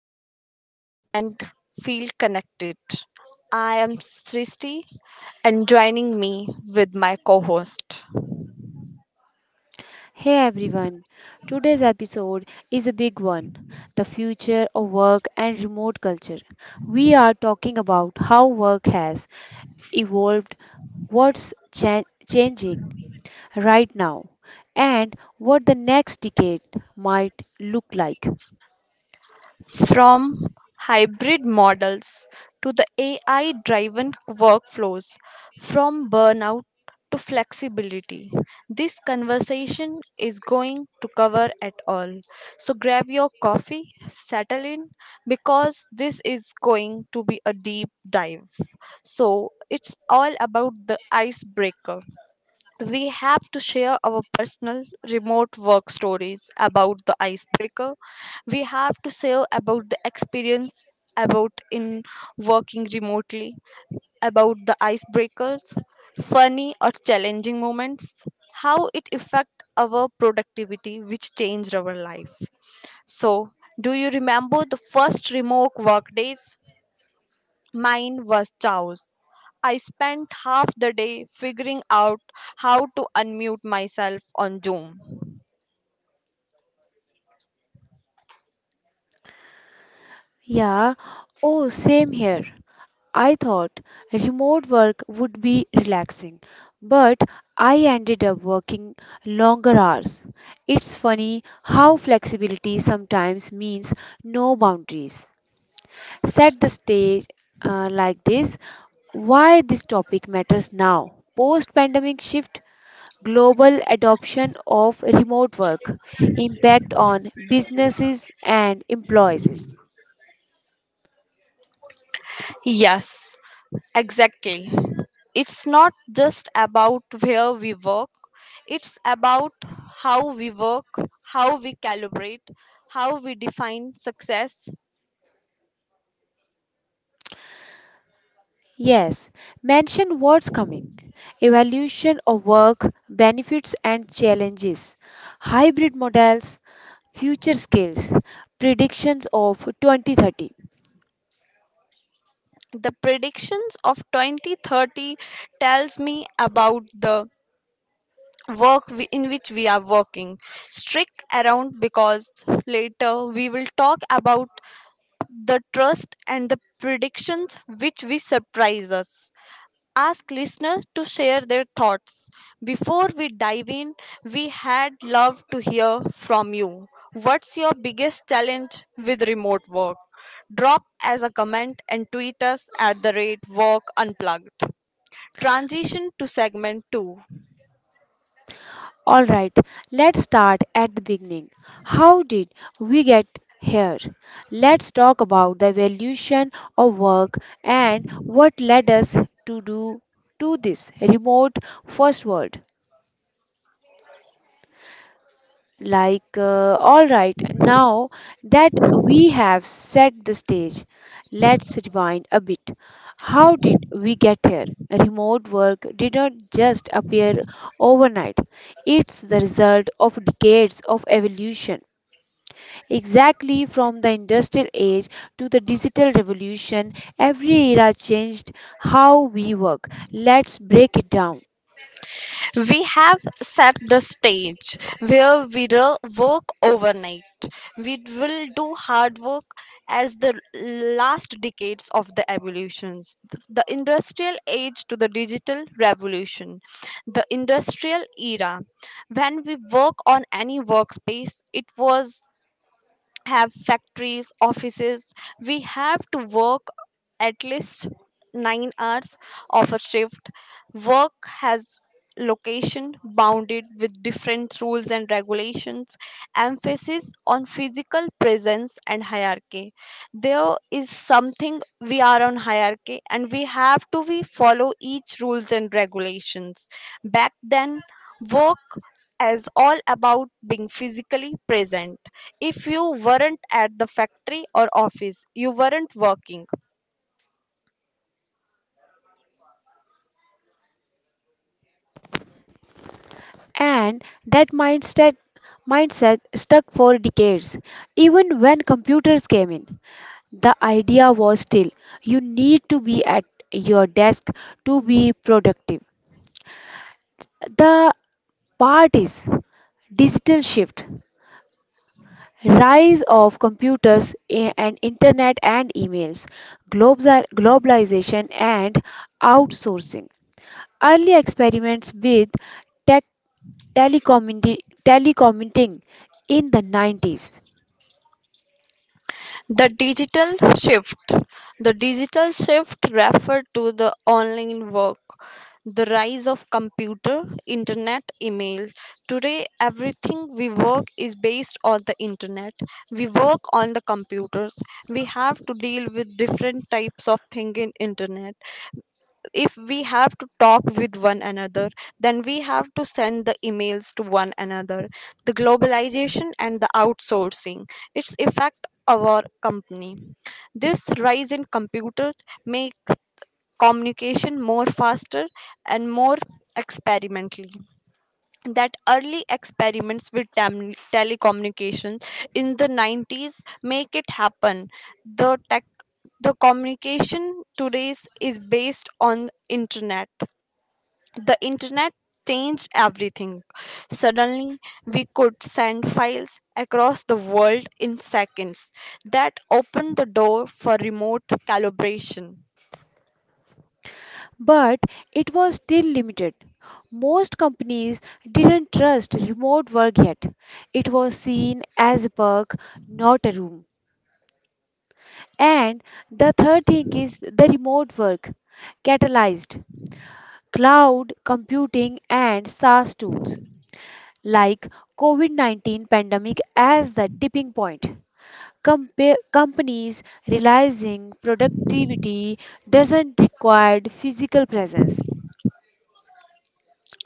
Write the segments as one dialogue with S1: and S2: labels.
S1: we worked and feel connected. I am Srishti and joining me with my co host.
S2: Hey everyone, today's episode is a big one: the future of work and remote culture. We are talking about how work has evolved, what's changing right now, and what the next decade might look like.
S1: From hybrid models to the AI driven workflows, from burnout to flexibility. This conversation is going to cover it all. So grab your coffee, settle in, because this is going to be a deep dive. So it's all about the icebreaker. We have to share our personal remote work stories about the icebreaker. We have to share about the experience about in working remotely, about the icebreakers, funny or challenging moments, how it affect our productivity, which changed our life. So do you remember the first remote work days? Mine was chaos. I spent half the day figuring out how to unmute myself on Zoom.
S2: Yeah, oh, same here. I thought remote work would be relaxing, but I ended up working longer hours. It's funny how flexibility sometimes means no boundaries. Set the stage like this, why this topic matters now. Post pandemic shift, global adoption of remote work, impact on businesses and employees.
S1: Yes, exactly. It's not just about where we work, it's about how we work, how we calibrate, how we define success.
S2: Yes, mention what's coming. Evaluation of work, benefits and challenges, hybrid models, future skills, predictions of 2030.
S1: The predictions of 2030 tells me about the work in which we are working strict around, because later we will talk about the trust and the predictions which we surprise us. Ask listeners to share their thoughts. Before we dive in, we had loved to hear from you. What's your biggest challenge with remote work? Drop as a comment and tweet us at the rate work unplugged. Transition to segment 2.
S2: All right, let's start at the beginning. How did we get here? Let's talk about the evolution of work and what led us to do to this remote first world. All right, now that we have set the stage, let's rewind a bit. How did we get here? Remote work did not just appear overnight, it's the result of decades of evolution. Exactly, from the industrial age to the digital revolution, every era changed how we work. Let's break it down.
S1: We have set the stage where we will work overnight. We will do hard work as the last decades of the evolutions. The industrial age to the digital revolution. The industrial era. When we work on any workspace, it was have factories, offices. We have to work at least 9 hours of a shift. Work has location bounded with different rules and regulations, emphasis on physical presence and hierarchy. There is something we are on hierarchy, and we have to we follow each rules and regulations. Back then work is all about being physically present. If you weren't at the factory or office, you weren't working.
S2: And that mindset stuck for decades. Even when computers came in, the idea was still you need to be at your desk to be productive. The part is digital shift: rise of computers and internet and emails, globalization and outsourcing, early experiments with tech, telecommundi- telecommuting in the 90s,
S1: The digital shift. The digital shift referred to the online work, the rise of computer, internet, email. Today, everything we work is based on the internet. We work on the computers. We have to deal with different types of thing in internet. If we have to talk with one another, then we have to send the emails to one another. The globalization and the outsourcing, its affect our company. This rise in computers make communication more faster and more experimentally. That early experiments with telecommunications in the 90s make it happen. The tech, the communication today's is based on internet. The internet changed everything. Suddenly we could send files across the world in seconds. That opened the door for remote calibration.
S2: but it was still limited. Most companies didn't trust remote work yet. It was seen as a perk, not a room. And the third thing is the remote work catalyzed cloud computing and SaaS tools, like COVID-19 pandemic as the tipping point. Companies realizing productivity doesn't require physical presence.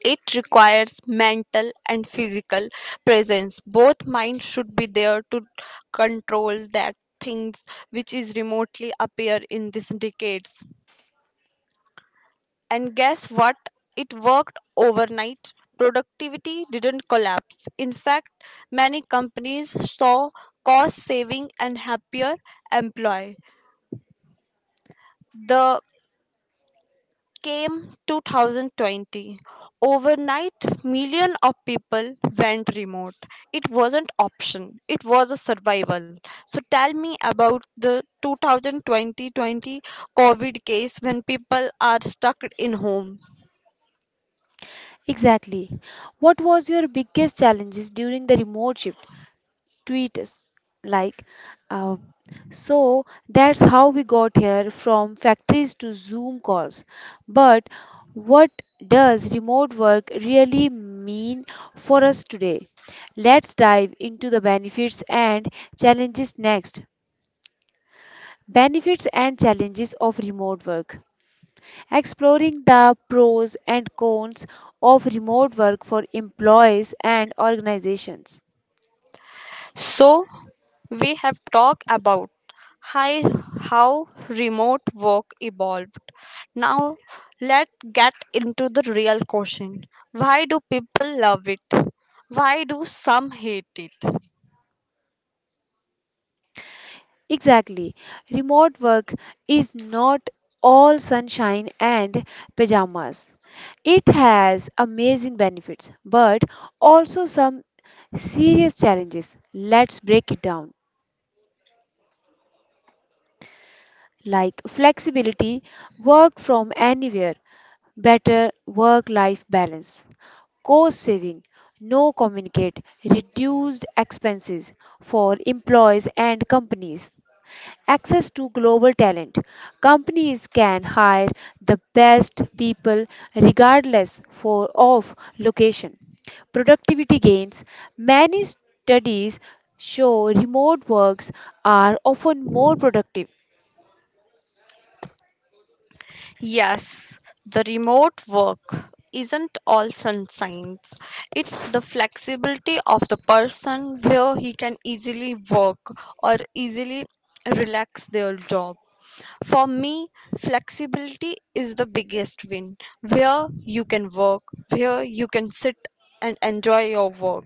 S1: It requires mental and physical presence. Both minds should be there to control that things which is remotely appear in these decades. And guess what? It worked overnight. Productivity didn't collapse. In fact, many companies saw cost saving and happier employee. The came 2020. Overnight, million of people went remote. It wasn't option. It was a survival. So tell me about the 2020 COVID case when people are stuck in home.
S2: Exactly. What was your biggest challenges during the remote shift? Tweet us. Like, uh, so that's how we got here, from factories to Zoom calls. But what does remote work really mean for us today? Let's dive into the benefits and challenges next. Benefits and challenges of remote work. Exploring the pros and cons of remote work for employees and organizations.
S1: So, we have talked about hi- how remote work evolved. Now, let's get into the real question. Why do people love it? Why do some hate it?
S2: Exactly. Remote work is not all sunshine and pajamas. It has amazing benefits, but also some serious challenges. Let's break it down. Like flexibility, work from anywhere, better work life balance, cost saving, no communicate, reduced expenses for employees and companies. Access to global talent. Companies can hire the best people regardless for, of location. Productivity gains. Many studies show remote works are often more productive.
S1: Yes, the remote work isn't all sunshines. It's the flexibility of the person where he can easily work or easily relax their job. For me, flexibility is the biggest win, where you can work, where you can sit and enjoy your work.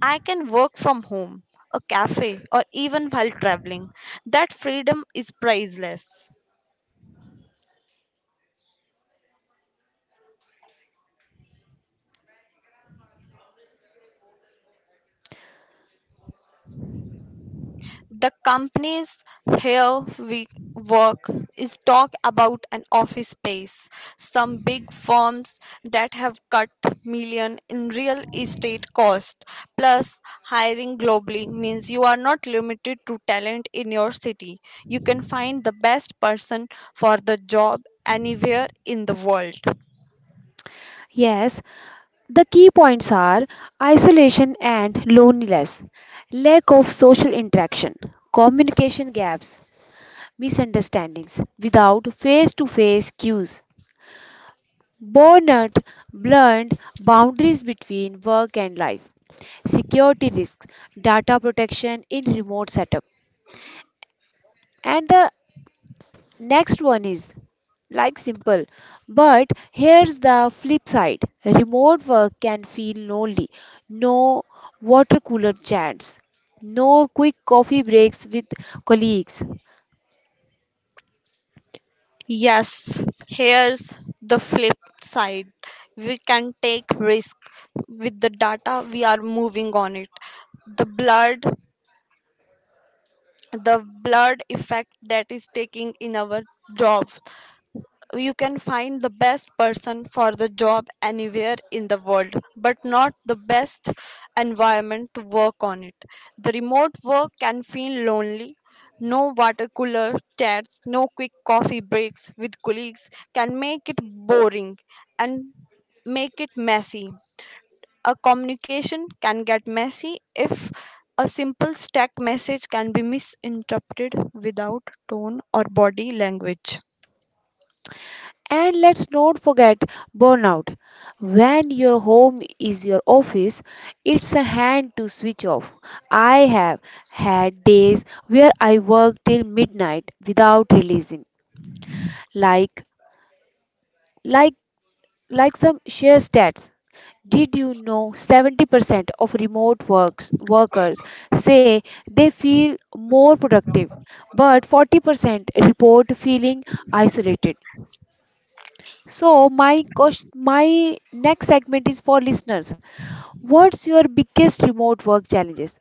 S1: I can work from home, a cafe, or even while traveling. That freedom is priceless. The companies here we work is talk about an office space. Some big firms that have cut million in real estate cost. Plus, hiring globally means you are not limited to talent in your city. You can find the best person for the job anywhere in the world.
S2: Yes, the key points are isolation and loneliness, lack of social interaction, communication gaps, misunderstandings without face to face cues, burnout, blurred boundaries between work and life, security risks, data protection in remote setup. And the next one is like simple, but here's the flip side: remote work can feel lonely. No water cooler chats, no quick coffee breaks with colleagues.
S1: Yes, here's the flip side. We can take risk with the data we are moving on it. The blood, the blood effect that is taking in our job. You can find the best person for the job anywhere in the world, but not the best environment to work on it. The remote work can feel lonely. No water cooler chats, no quick coffee breaks with colleagues can make it boring and make it messy. A communication can get messy if a simple stack message can be misinterpreted without tone or body language.
S2: And let's not forget burnout. When your home is your office, it's a hand to switch off. I have had days where I worked till midnight without releasing. Like like like some share stats. Did you know 70% of remote works, workers say they feel more productive, but 40% report feeling isolated? So my next segment is for listeners. What's your biggest remote work challenges?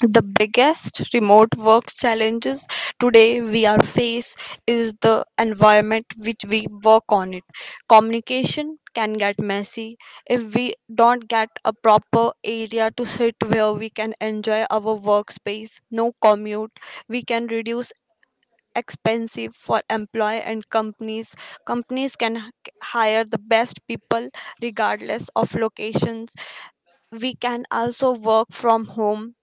S1: The biggest remote work challenges today we are face is the environment which we work on it. Communication can get messy if we don't get a proper area to sit where we can enjoy our workspace. No commute, we can reduce expensive for employee and companies. Companies can hire the best people regardless of locations. We can also work from home,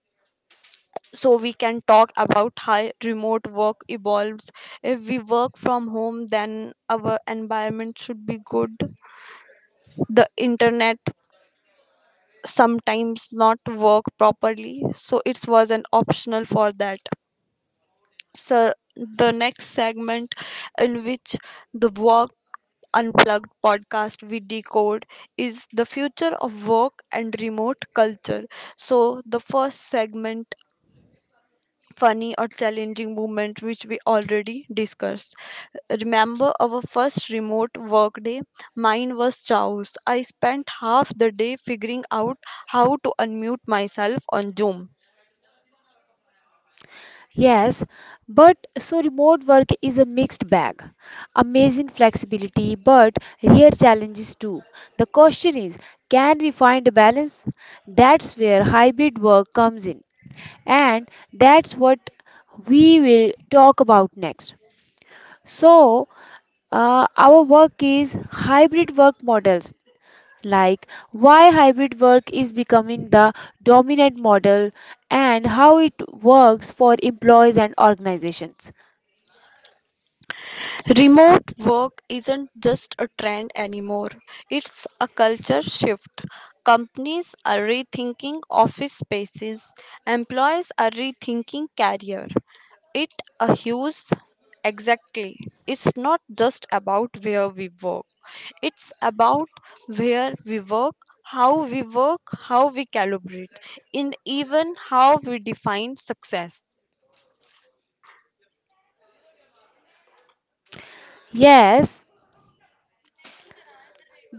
S1: so we can talk about how remote work evolves. If we work from home, then our environment should be good. The internet sometimes not work properly, so it was an optional for that. So the next segment in which the work unplugged podcast we decode is the future of work and remote culture. So the first segment, funny or challenging moment which we already discussed. Remember our first remote work day? Mine was chaos. I spent half the day figuring out how to unmute myself on Zoom.
S2: Yes, but so remote work is a mixed bag. Amazing flexibility, but real challenges too. The question is, can we find a balance? That's where hybrid work comes in, and that's what we will talk about next. So, our work is hybrid work models, like why hybrid work is becoming the dominant model and how it works for employees and organizations.
S1: Remote work isn't just a trend anymore, it's a culture shift. Companies are rethinking office spaces, employees are rethinking career. It a huge exactly, it's not just about where we work, it's about where we work, how we work, how we calibrate, and even how we define success.
S2: Yes,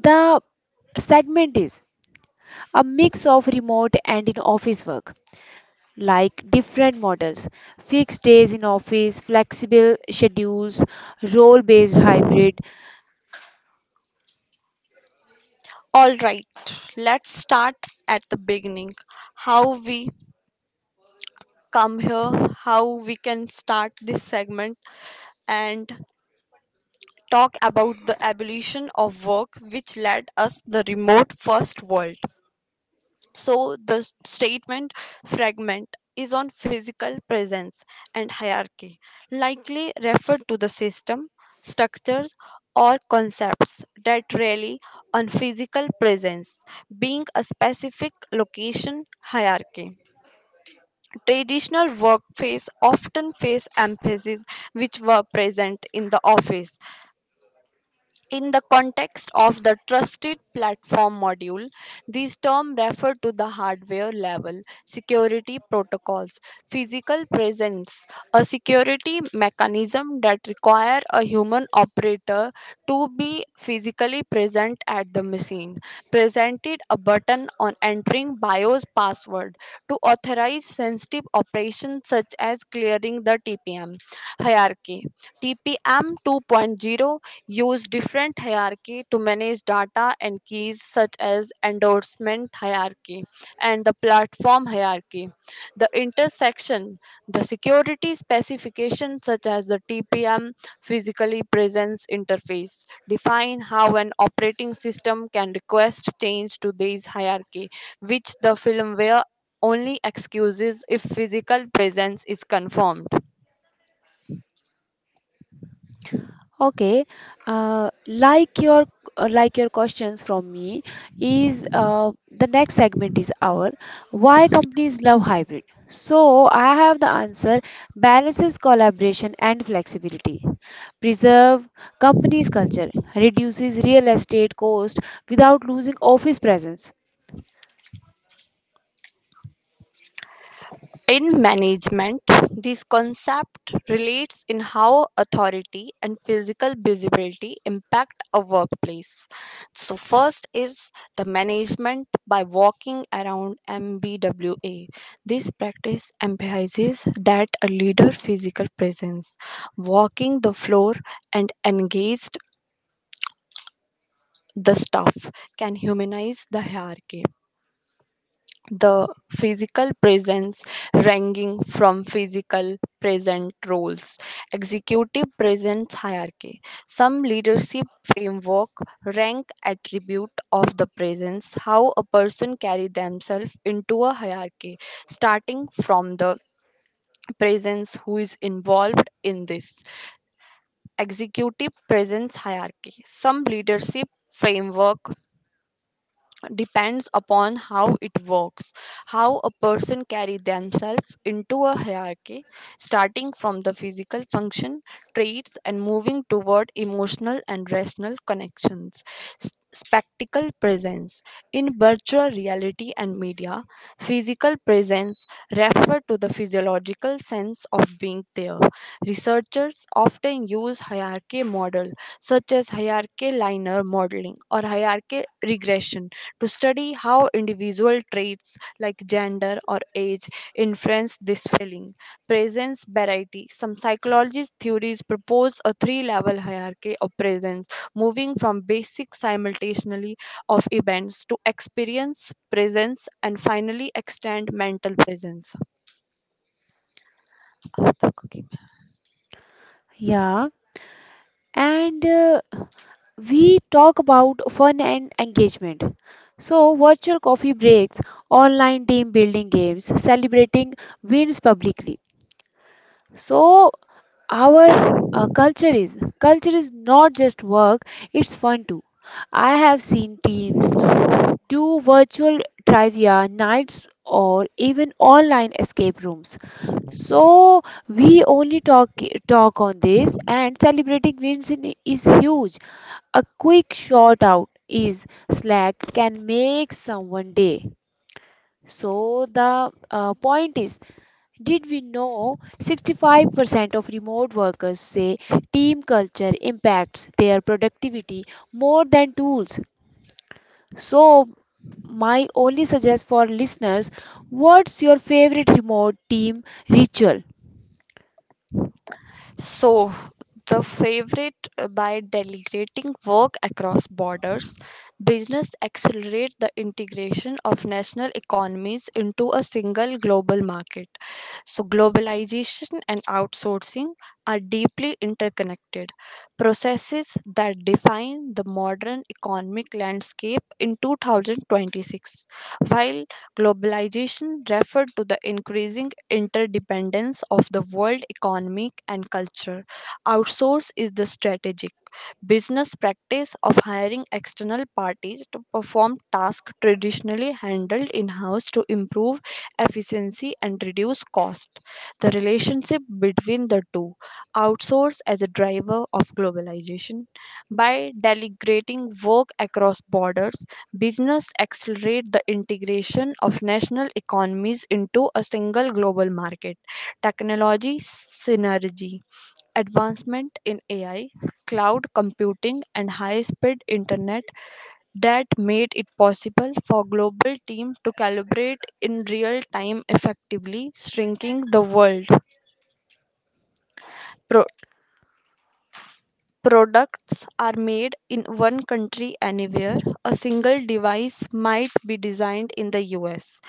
S2: the segment is a mix of remote and in office work, like different models, fixed days in office, flexible schedules, role based hybrid.
S1: All right, let's start at the beginning. How we come here, how we can start this segment and talk about the abolition of work which led us the remote first world. So the statement fragment is on physical presence and hierarchy, likely referred to the system, structures, or concepts that rely on physical presence, being a specific location hierarchy. Traditional workplace often face emphasis which were present in the office, in the context of the trusted platform module, these terms refer to the hardware level security protocols, physical presence, a security mechanism that require a human operator to be physically present at the machine, presented a button on entering BIOS password to authorize sensitive operations such as clearing the TPM hierarchy. TPM 2.0 use different hierarchy to manage data and keys, such as endorsement hierarchy and the platform hierarchy. The intersection, the security specification such as the TPM physically presence interface define how an operating system can request change to this hierarchy, which the firmware only excuses if physical presence is confirmed.
S2: Okay, uh, like your uh, like your questions from me is, the next segment is our why companies love hybrid. So I have the answer: balances collaboration and flexibility, preserve company's culture, reduces real estate cost without losing office presence.
S1: In management, this concept relates in how authority and physical visibility impact a workplace. So first is the management by walking around, MBWA. This practice emphasizes that a leader physical presence, walking the floor and engaged the staff, can humanize the hierarchy. The physical presence ranging from physical present roles, executive presence hierarchy, some leadership framework, rank attribute of the presence, how a person carry themselves into a hierarchy, starting from the presence who is involved in this executive presence hierarchy, some leadership framework depends upon how it works, how a person carry themselves into a hierarchy, starting from the physical function, traits, and moving toward emotional and rational connections. Spectacle presence. In virtual reality and media, physical presence refer to the physiological sense of being there. Researchers often use hierarchy model such as hierarchy linear modeling or hierarchy regression to study how individual traits like gender or age influence this feeling. Presence variety. Some psychologist theories propose a three level hierarchy of presence, moving from basic simultaneity of events to experience, presence, and finally extend mental presence.
S2: Yeah, and we talk about fun and engagement. So, virtual coffee breaks, online team building games, celebrating wins publicly. So, our culture is not just work; it's fun too. I have seen teams do virtual trivia nights or even online escape rooms. So we only talk on this, and celebrating wins in, is huge. A quick shout out is Slack can make someone day. So the point is, did we know 65% of remote workers say team culture impacts their productivity more than tools? So my only suggest for listeners, what's your favorite remote team ritual?
S1: So, the favorite by delegating work across borders, business accelerate the integration of national economies into a single global market. So, globalization and outsourcing are deeply interconnected processes that define the modern economic landscape in 2026. While globalization referred to the increasing interdependence of the world economic and culture. Outsource is the strategy business practice of hiring external parties to perform tasks traditionally handled in house to improve efficiency and reduce cost. The relationship between the two, outsource as a driver of globalization. By delegating work across borders, business accelerate the integration of national economies into a single global market. Technology synergy advancement in AI, cloud computing, and high speed internet that made it possible for global teams to collaborate in real time effectively, shrinking the world. Pro- Products are made in one country anywhere. A single device might be designed in the US,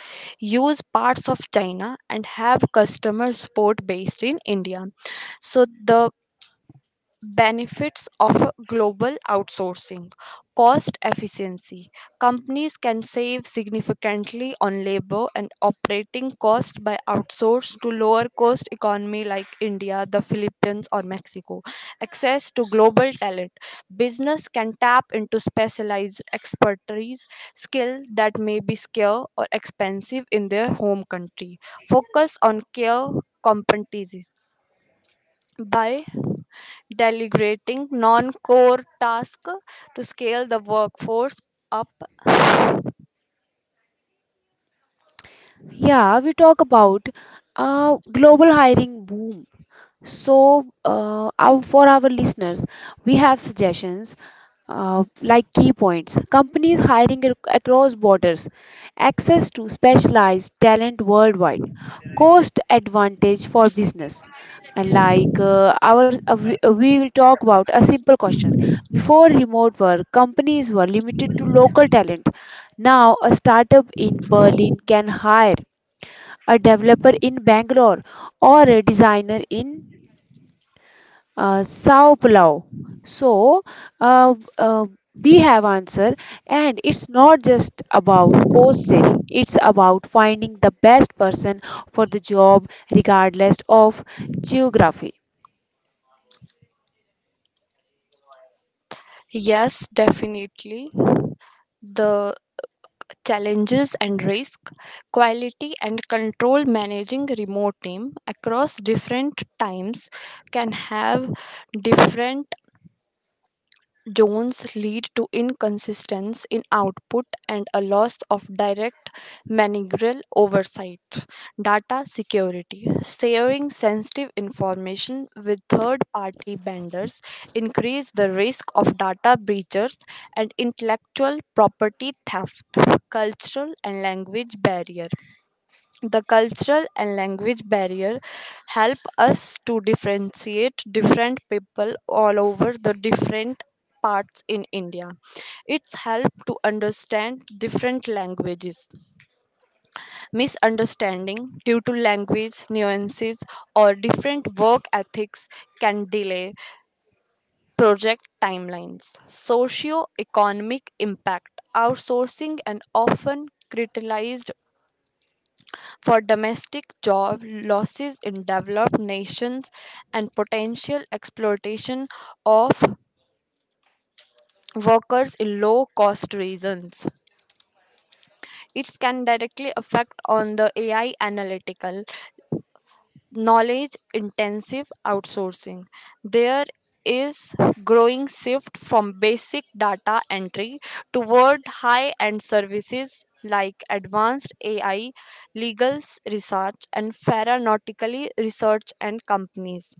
S1: use parts of China, and have customer support based in India. So, the benefits of a global outsourcing. Cost efficiency: companies can save significantly on labor and operating cost by outsource to lower cost economy like India, the Philippines, or Mexico. Access to global talent: business can tap into specialized expertise, skill that may be scarce or expensive in their home country. Focus on care competencies by delegating non-core tasks, to scale the workforce up.
S2: Yeah, we talk about global hiring boom. So, for our listeners, we have suggestions like key points: companies hiring across borders, access to specialized talent worldwide, cost advantage for business. And like our, we will talk about a simple questions. Before remote work, companies were limited to local talent. Now, a startup in Berlin can hire a developer in Bangalore or a designer in Sao Paulo. So uh, uh, we have answer, and it's not just about cost saving. It's about finding the best person for the job, regardless of geography.
S1: Yes, definitely. The challenges and risk. Quality and control: managing remote team across different times can have different Jones lead to inconsistency in output and a loss of direct managerial oversight. Data security. Sharing sensitive information with third party vendors increase the risk of data breaches and intellectual property theft. Cultural and language barrier. The cultural and language barrier help us to differentiate different people all over the different parts in India. It's help to understand different languages. Misunderstanding due to language nuances or different work ethics can delay project timelines. Socio economic impact. Outsourcing and often criticized for domestic job losses in developed nations and potential exploitation of workers in low cost regions. It can directly affect on the AI analytical knowledge intensive outsourcing. There is growing shift from basic data entry toward high end services like advanced AI, legal research, and pharmaceutical research and companies.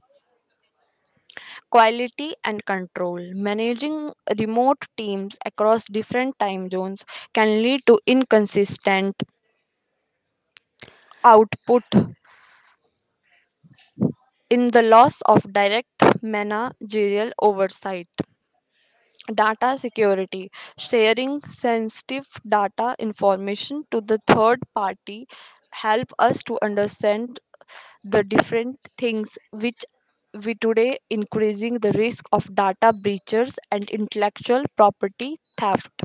S1: Quality and control. Managing remote teams across different time zones can lead to inconsistent output in the loss of direct managerial oversight. Data security. Sharing sensitive data information to the third party help us to understand the different things which we today increasing the risk of data breaches and intellectual property theft.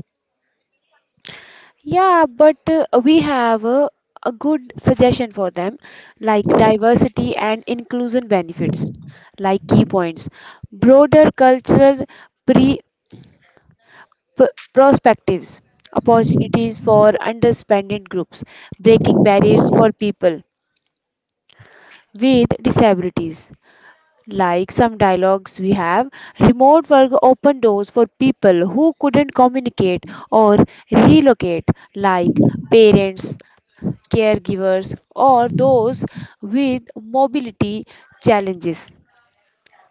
S2: Yeah, but we have a good suggestion for them, like diversity and inclusion benefits, like key points, broader cultural pre. perspectives, opportunities for underrepresented groups, breaking barriers for people with disabilities. Like some dialogues we have, remote work opened doors for people who couldn't communicate or relocate, like parents, caregivers, or those with mobility challenges.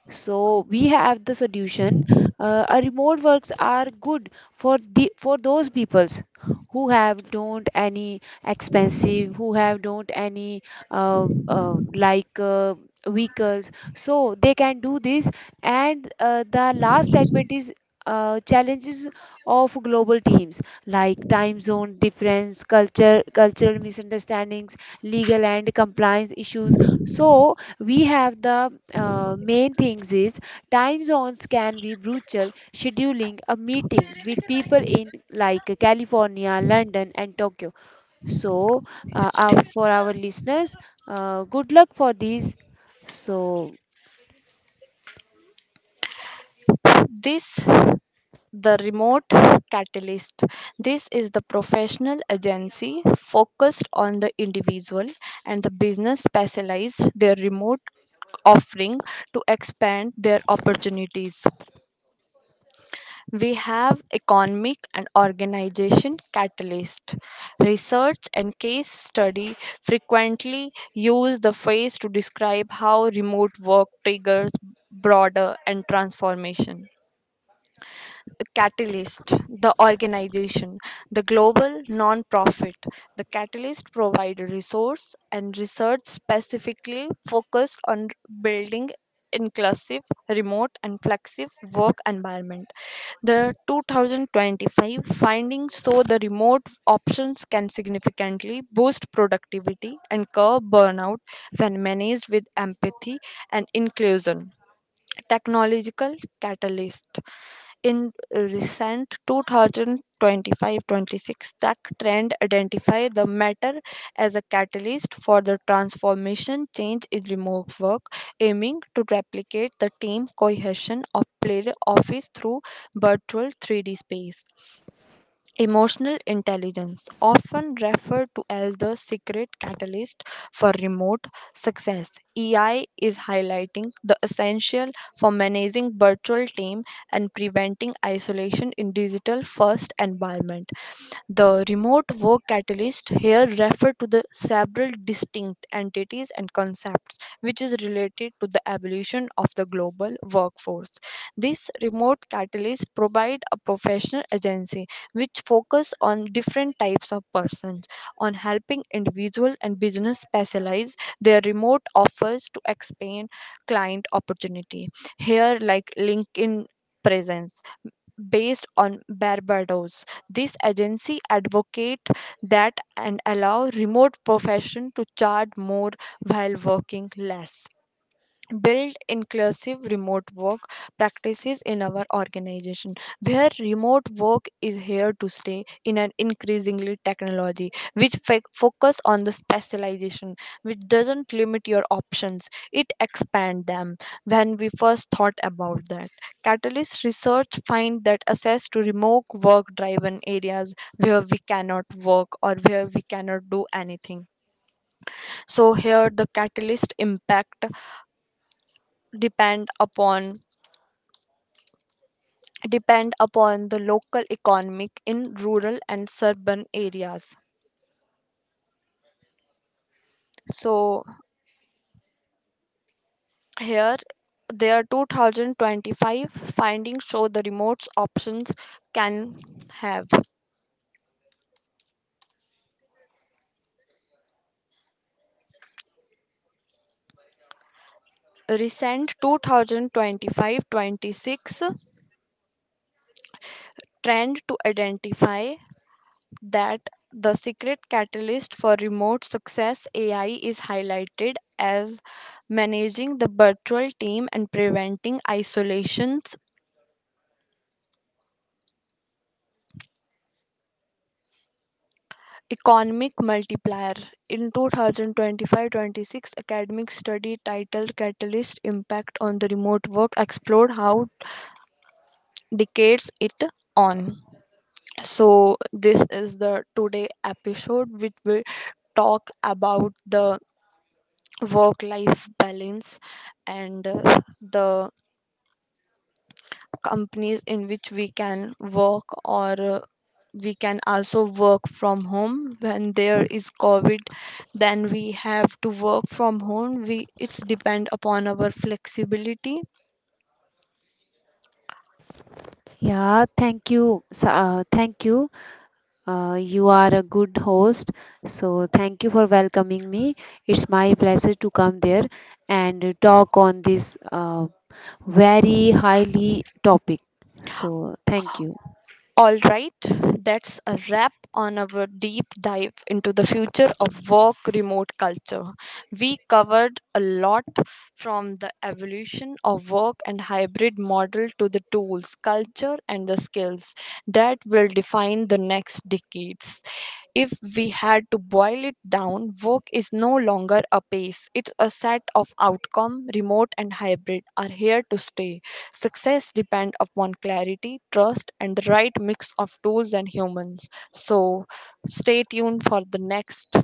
S2: So we have the solution. A remote works are good for the for those peoples who have don't any expensive, who have don't any uh, uh, like uh, vehicles. So they can do this. And the last segment is challenges of global teams, like time zone difference, cultural misunderstandings, legal and compliance issues. So we have the main things is time zones can be brutal scheduling a meeting with people in like California, London and Tokyo. So, for our listeners, good luck for this. So,
S1: This the remote catalyst. This is the professional agency focused on the individual and the business specialized their remote offering to expand their opportunities. We have economic and organization catalyst. Research and case study frequently use the phrase to describe how remote work triggers broader and transformation. Catalyst, the organization, the global nonprofit. The Catalyst provide resource and research specifically focused on building inclusive, remote and flexible work environment. The 2025 findings show the remote options can significantly boost productivity and curb burnout when managed with empathy and inclusion. Technological catalyst. In recent 2025-26 tech trend identify the matter as a catalyst for the transformation change in remote work, aiming to replicate the team cohesion of play office through virtual 3D space. Emotional intelligence, often referred to as the secret catalyst for remote success, EI is highlighting the essential for managing virtual team and preventing isolation in digital first environment. The remote work catalyst here refer to the several distinct entities and concepts which is related to the evolution of the global workforce. This remote catalyst provide a professional agency which focus on different types of persons on helping individual and business specialize their remote offers to expand client opportunity. Here like LinkedIn presence based on Barbados. This agency advocate that and allow remote profession to charge more while working less, build inclusive remote work practices in our organization, where remote work is here to stay in an increasingly technology which focus on the specialization, which doesn't limit your options, it expand them. When we first thought about that, catalyst research find that access to remote work driven areas where we cannot work or where we cannot do anything. So here the catalyst impact depend upon depend upon the local economic in rural and suburban areas. So here, their 2025 findings show the remote options can have. Recent 2025-26 trend to identify that the secret catalyst for remote success, AI is highlighted as managing the virtual team and preventing isolations. Economic Multiplier. In 2025-26 academic study titled Catalyst Impact on the Remote Work explored how decades it on. So this is the today episode, which will talk about the work life balance and the companies in which we can work, or we can also work from home. When there is COVID, then we have to work from home. We, it's depend upon our flexibility.
S2: yeah, thank you. Thank you. You are a good host. So, thank you for welcoming me. It's my pleasure to come there and talk on this, uh, very highly topic, so thank you.
S1: All right, that's a wrap on our deep dive into the future of work remote culture. We covered a lot, from the evolution of work and hybrid model to the tools, culture, and the skills that will define the next decades. If we had to boil it down, work is no longer a pace, it's a set of outcome, remote and hybrid are here to stay. Success depends upon clarity, trust, and the right mix of tools and humans. So, stay tuned for the next